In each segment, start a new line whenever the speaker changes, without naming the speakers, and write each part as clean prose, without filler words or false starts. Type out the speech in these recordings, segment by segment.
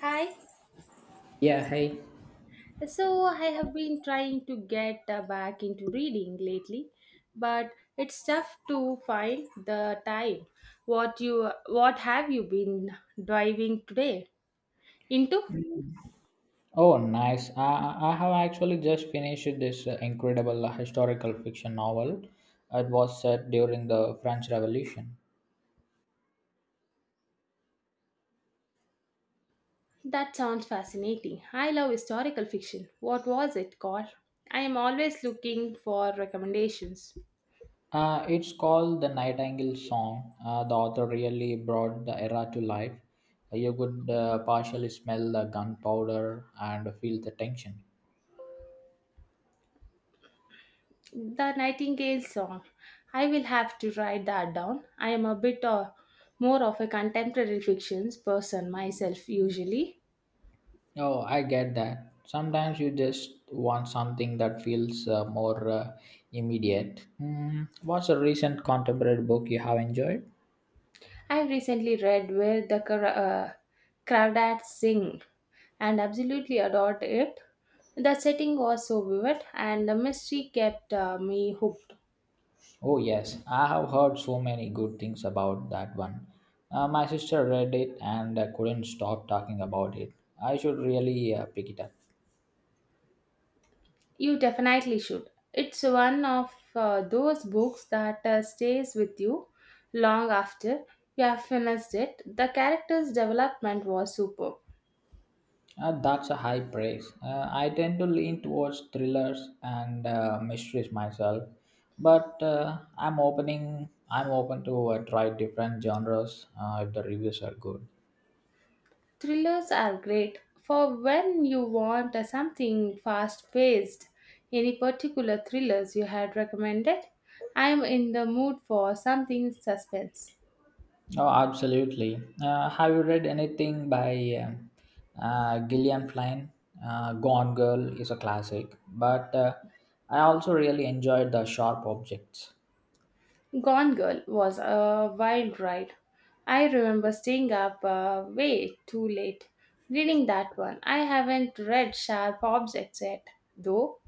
Hi.
Yeah, hey.
So I have been trying to get back into reading lately, but it's tough to find the time. What have you been driving today into?
Oh, nice. I have actually just finished this incredible historical fiction novel. It was set during the French Revolution.
That sounds fascinating. I love historical fiction. What was it called? I am always looking for recommendations.
It's called The Nightingale Song. The author really brought the era to life. You could partially smell the gunpowder and feel the tension.
The Nightingale song. I will have to write that down. I am a bit more of a contemporary fictions person myself usually.
Oh, I get that. Sometimes you just want something that feels more immediate. Hmm. What's a recent contemporary book you have enjoyed?
I recently read Crawdads Sing and absolutely adored it. The setting was so vivid and the mystery kept me hooked.
Oh, yes, I have heard so many good things about that one. My sister read it and couldn't stop talking about it. I should really pick it up.
You definitely should. It's one of those books that stays with you long after you have finished it. The character's development was superb.
That's a high praise. I tend to lean towards thrillers and mysteries myself, but I'm opening. I'm open to try different genres if the reviews are good.
Thrillers are great for when you want a something fast paced. Any particular thrillers you had recommended? I am in the mood for something suspense.
Oh, absolutely. Have you read anything by Gillian Flynn? Gone Girl is a classic, but I also really enjoyed The Sharp Objects.
Gone Girl was a wild ride. I remember staying up way too late reading that one. I haven't read Sharp Objects yet, though.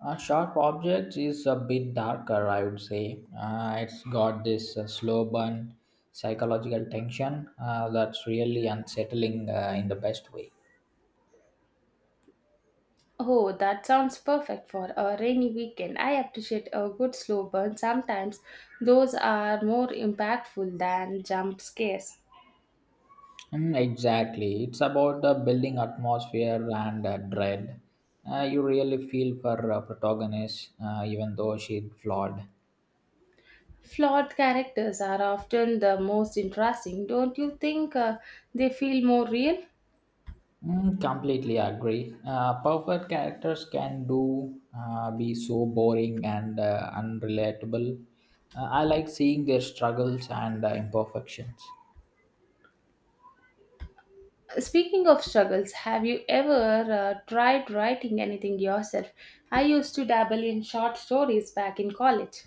Sharp Objects is a bit darker, I would say. It's got this slow burn psychological tension that's really unsettling in the best way.
Oh, that sounds perfect for a rainy weekend. I appreciate a good slow burn. Sometimes those are more impactful than jump scares.
Mm, exactly. It's about the building atmosphere and dread. You really feel for protagonist, even though she's flawed.
Flawed characters are often the most interesting, don't you think? They feel more real.
Mm, completely agree. Perfect characters can do be so boring and unrelatable. I like seeing their struggles and imperfections.
Speaking of struggles, have you ever tried writing anything yourself? I used to dabble in short stories back in college.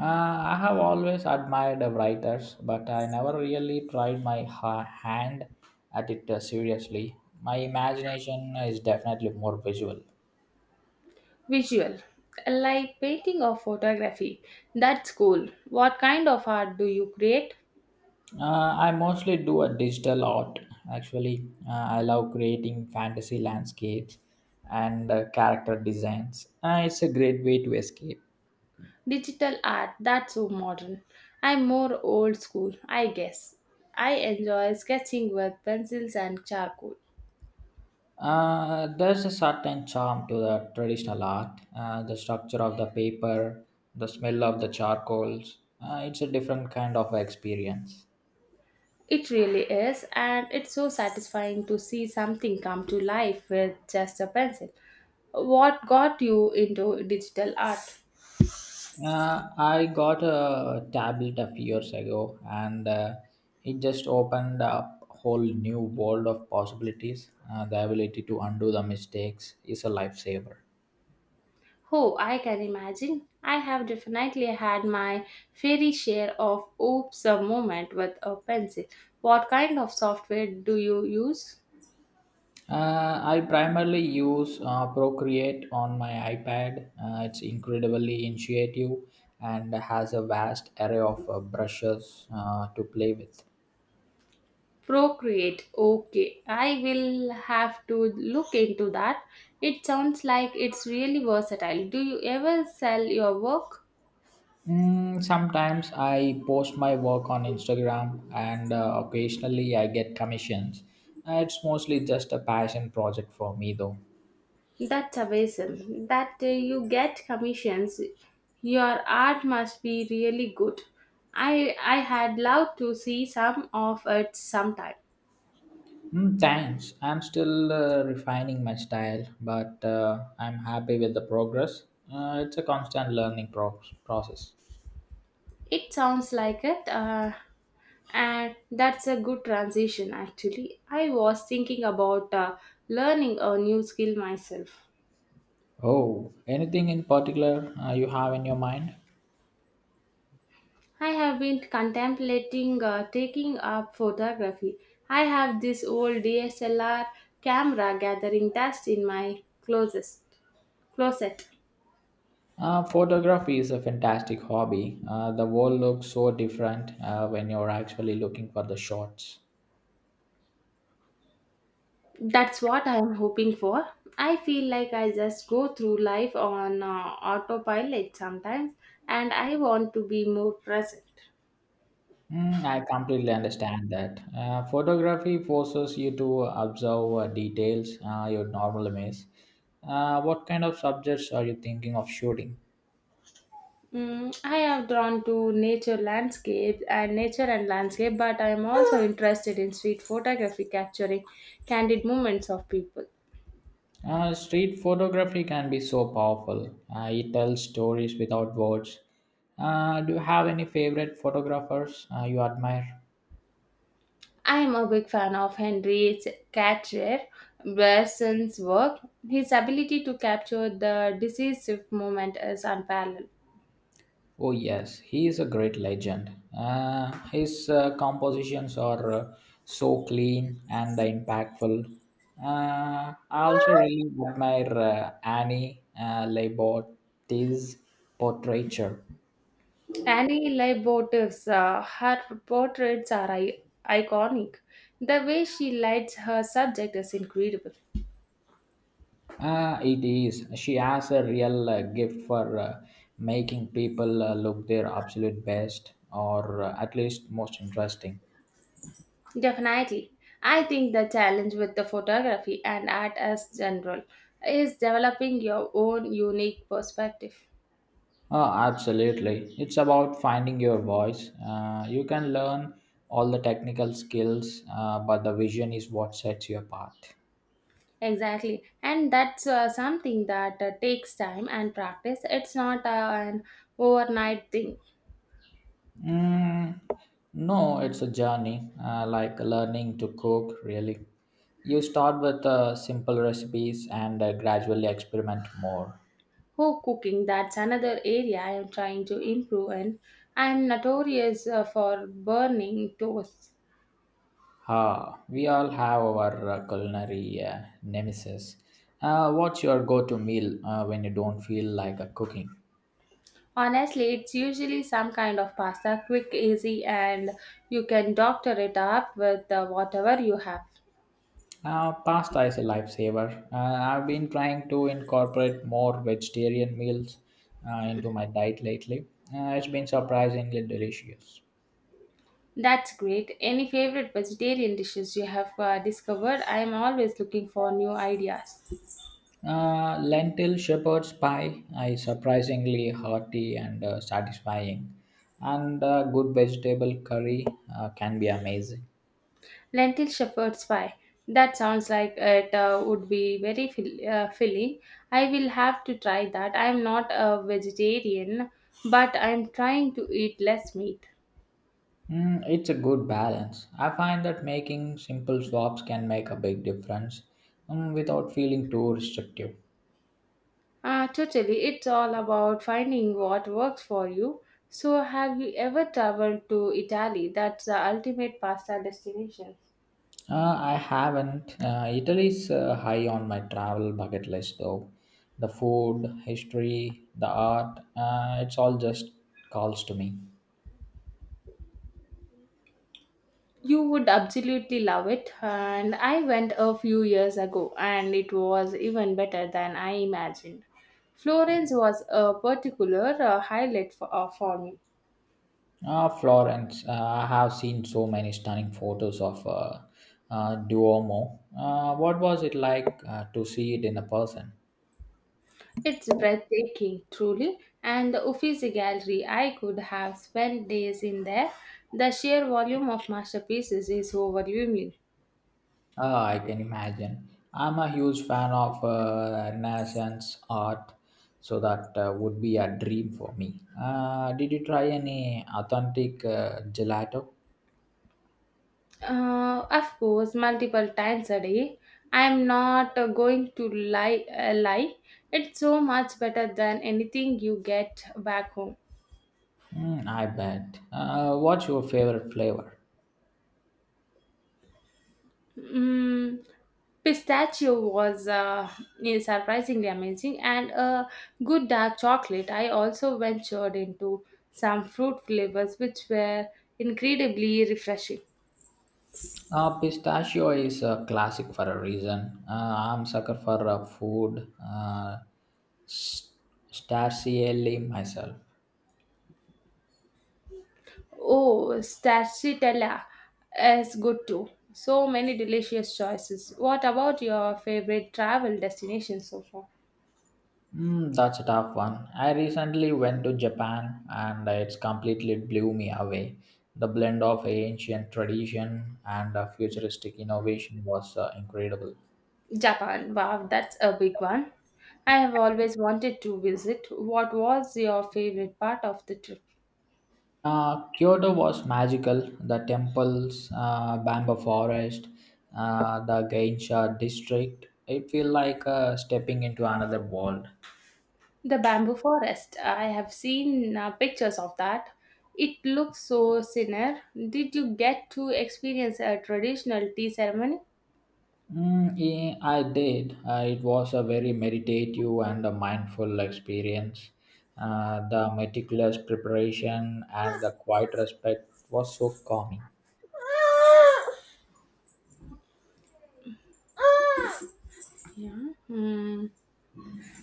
I have always admired the writers, but I never really tried hand at it seriously. My imagination is definitely more visual.
Visual, like painting or photography. That's cool. What kind of art do you create?
I mostly do a digital art. Actually, I love creating fantasy landscapes and character designs. It's a great way to escape.
Digital art, that's so modern. I'm more old school, I guess. I enjoy sketching with pencils and charcoal.
There's a certain charm to the traditional art, the structure of the paper, the smell of the charcoals. It's a different kind of experience.
It really is, and it's so satisfying to see something come to life with just a pencil. What got you into digital art?
I got a tablet a few years ago, and it just opened up a whole new world of possibilities. The ability to undo the mistakes is a lifesaver.
Oh, I can imagine. I have definitely had my fairy share of oops a moment with a pencil. What kind of software do you use?
I primarily use Procreate on my iPad. It's incredibly intuitive and has a vast array of brushes to play with.
Procreate. Okay, I will have to look into that. It sounds like it's really versatile. Do you ever sell your work?
Mm, sometimes I post my work on Instagram and occasionally I get commissions. It's mostly just a passion project for me though.
That's amazing. That you get commissions. Your art must be really good. I had loved to see some of it sometime.
Mm, thanks. I'm still refining my style, but I'm happy with the progress. It's a constant process.
It sounds like it. And that's a good transition actually. I was thinking about learning a new skill myself.
Oh, anything in particular you have in your mind?
I have been contemplating taking up photography. I have this old DSLR camera gathering dust in my closet. Closet.
Photography is a fantastic hobby. The world looks so different when you're actually looking for the shots.
That's what I am hoping for. I feel like I just go through life on autopilot sometimes, and I want to be more present.
Mm, I completely understand that. Photography forces you to observe details you'd normally miss. What kind of subjects are you thinking of shooting?
Mm, I am drawn to nature and landscape, but I am also interested in street photography, capturing candid moments of people.
Street photography can be so powerful. It tells stories without words. Do you have any favorite photographers you admire?
I am a big fan of Henry Catcher Berson's work. His ability to capture the decisive moment is unparalleled.
Oh, yes, he is a great legend. His compositions are so clean and impactful. I also really admire Annie Leibovitz portraiture.
Annie Leibovitz, her portraits are iconic. The way she lights her subject is incredible.
Ah, it is. She has a real gift for making people look their absolute best or at least most interesting.
Definitely. I think the challenge with the photography and art as general is developing your own unique perspective.
Oh, absolutely. It's about finding your voice. You can learn all the technical skills, but the vision is what sets you apart.
Exactly, and that's something that takes time and practice. It's not an overnight thing.
Mm, no, it's a journey, like learning to cook, really. You start with simple recipes and gradually experiment more.
Home cooking, that's another area I am trying to improve in. I am notorious for burning toast.
Ah, we all have our culinary nemesis. What's your go-to meal when you don't feel like cooking?
Honestly, it's usually some kind of pasta, quick, easy, and you can doctor it up with whatever you have.
Pasta is a lifesaver. I've been trying to incorporate more vegetarian meals into my diet lately. It's been surprisingly delicious.
That's great. Any favorite vegetarian dishes you have discovered? I am always looking for new ideas.
Lentil shepherd's pie is surprisingly hearty and satisfying, and good vegetable curry can be amazing.
Lentil shepherd's pie. That sounds like it would be very filling. I will have to try that. I am not a vegetarian, but I am trying to eat less meat.
Mm, it's a good balance. I find that making simple swaps can make a big difference without feeling too restrictive.
Totally, it's all about finding what works for you. So, have you ever traveled to Italy? That's the ultimate pasta destination.
I haven't. Italy's high on my travel bucket list though. The food, history, the art, it's all just calls to me.
You would absolutely love it. And I went a few years ago and it was even better than I imagined. Florence was a particular highlight for me.
Florence, I have seen so many stunning photos of Duomo. What was it like to see it in a person?
It's breathtaking, truly, and the Uffizi Gallery, I could have spent days in there. The sheer volume of masterpieces is overwhelming.
Ah, I can imagine. I'm a huge fan of Renaissance art, so that would be a dream for me. Did you try any authentic gelato?
Of course, multiple times a day. I am not going to lie. It's so much better than anything you get back home.
Mm, I bet. What's your favorite flavor?
Mm, pistachio was is surprisingly amazing, and a good dark chocolate. I also ventured into some fruit flavors, which were incredibly refreshing.
Pistachio is a classic for a reason. I'm sucker for food, s- starcely myself.
Oh, stracciatella is good too. So many delicious choices. What about your favorite travel destination so far?
Mm, that's a tough one. I recently went to Japan and it's completely blew me away. The blend of ancient tradition and futuristic innovation was incredible.
Japan. Wow, that's a big one. I have always wanted to visit. What was your favorite part of the trip?
Kyoto was magical. The temples, bamboo forest, the Geisha district. It feel like stepping into another world.
The bamboo forest. I have seen pictures of that. It looks so serene. Did you get to experience a traditional tea ceremony?
Mm, yeah, I did. It was a very meditative and a mindful experience. The meticulous preparation and the quiet respect was so calming.
Yeah. Hmm.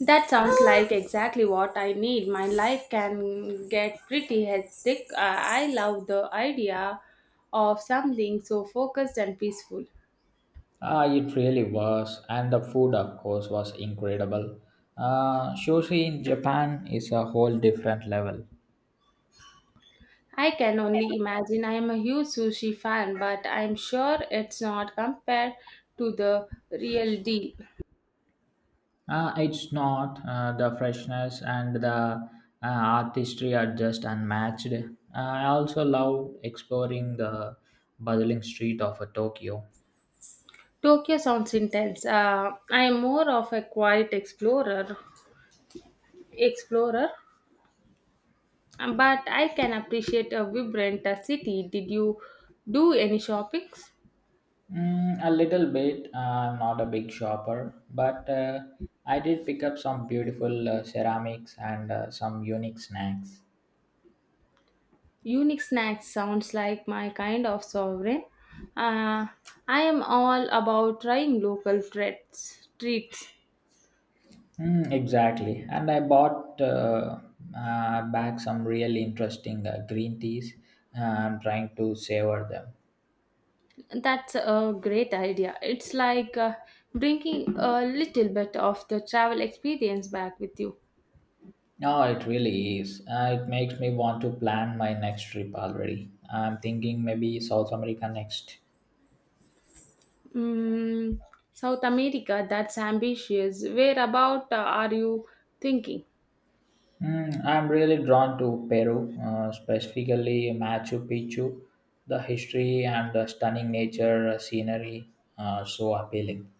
That sounds like exactly what I need. My life can get pretty hectic. I love the idea of something so focused and peaceful.
It really was. And the food, of course, was incredible. Sushi in Japan is a whole different level.
I can only imagine I am a huge sushi fan, but I'm sure it's not compared to the real deal.
It's not. The freshness and the artistry are just unmatched. I also love exploring the bustling street of Tokyo.
Tokyo sounds intense. I am more of a quiet explorer, but I can appreciate a vibrant city. Did you do any shopping?
Mm, a little bit, not a big shopper, but I did pick up some beautiful ceramics and some unique snacks.
Unique snacks sounds like my kind of sovereign. Uh, I am all about trying local treats.
Mm, exactly. And I bought back some really interesting green teas. I'm trying to savor them.
That's a great idea. It's like bringing a little bit of the travel experience back with you.
No, it really is. It makes me want to plan my next trip already. I'm thinking maybe South America next.
Mm, South America. That's ambitious. Where about are you thinking?
Mm, I'm really drawn to Peru, specifically Machu Picchu. The history and the stunning nature scenery are so appealing.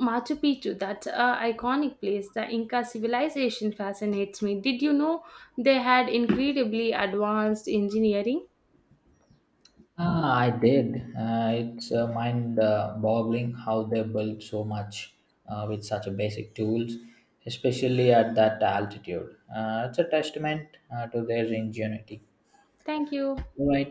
Machu Picchu, that's a iconic place. The Inca civilization fascinates me. Did you know they had incredibly advanced engineering?
Ah, I did. It's mind-boggling how they built so much with such a basic tools, especially at that altitude. It's a testament to their ingenuity.
Thank you.
Right,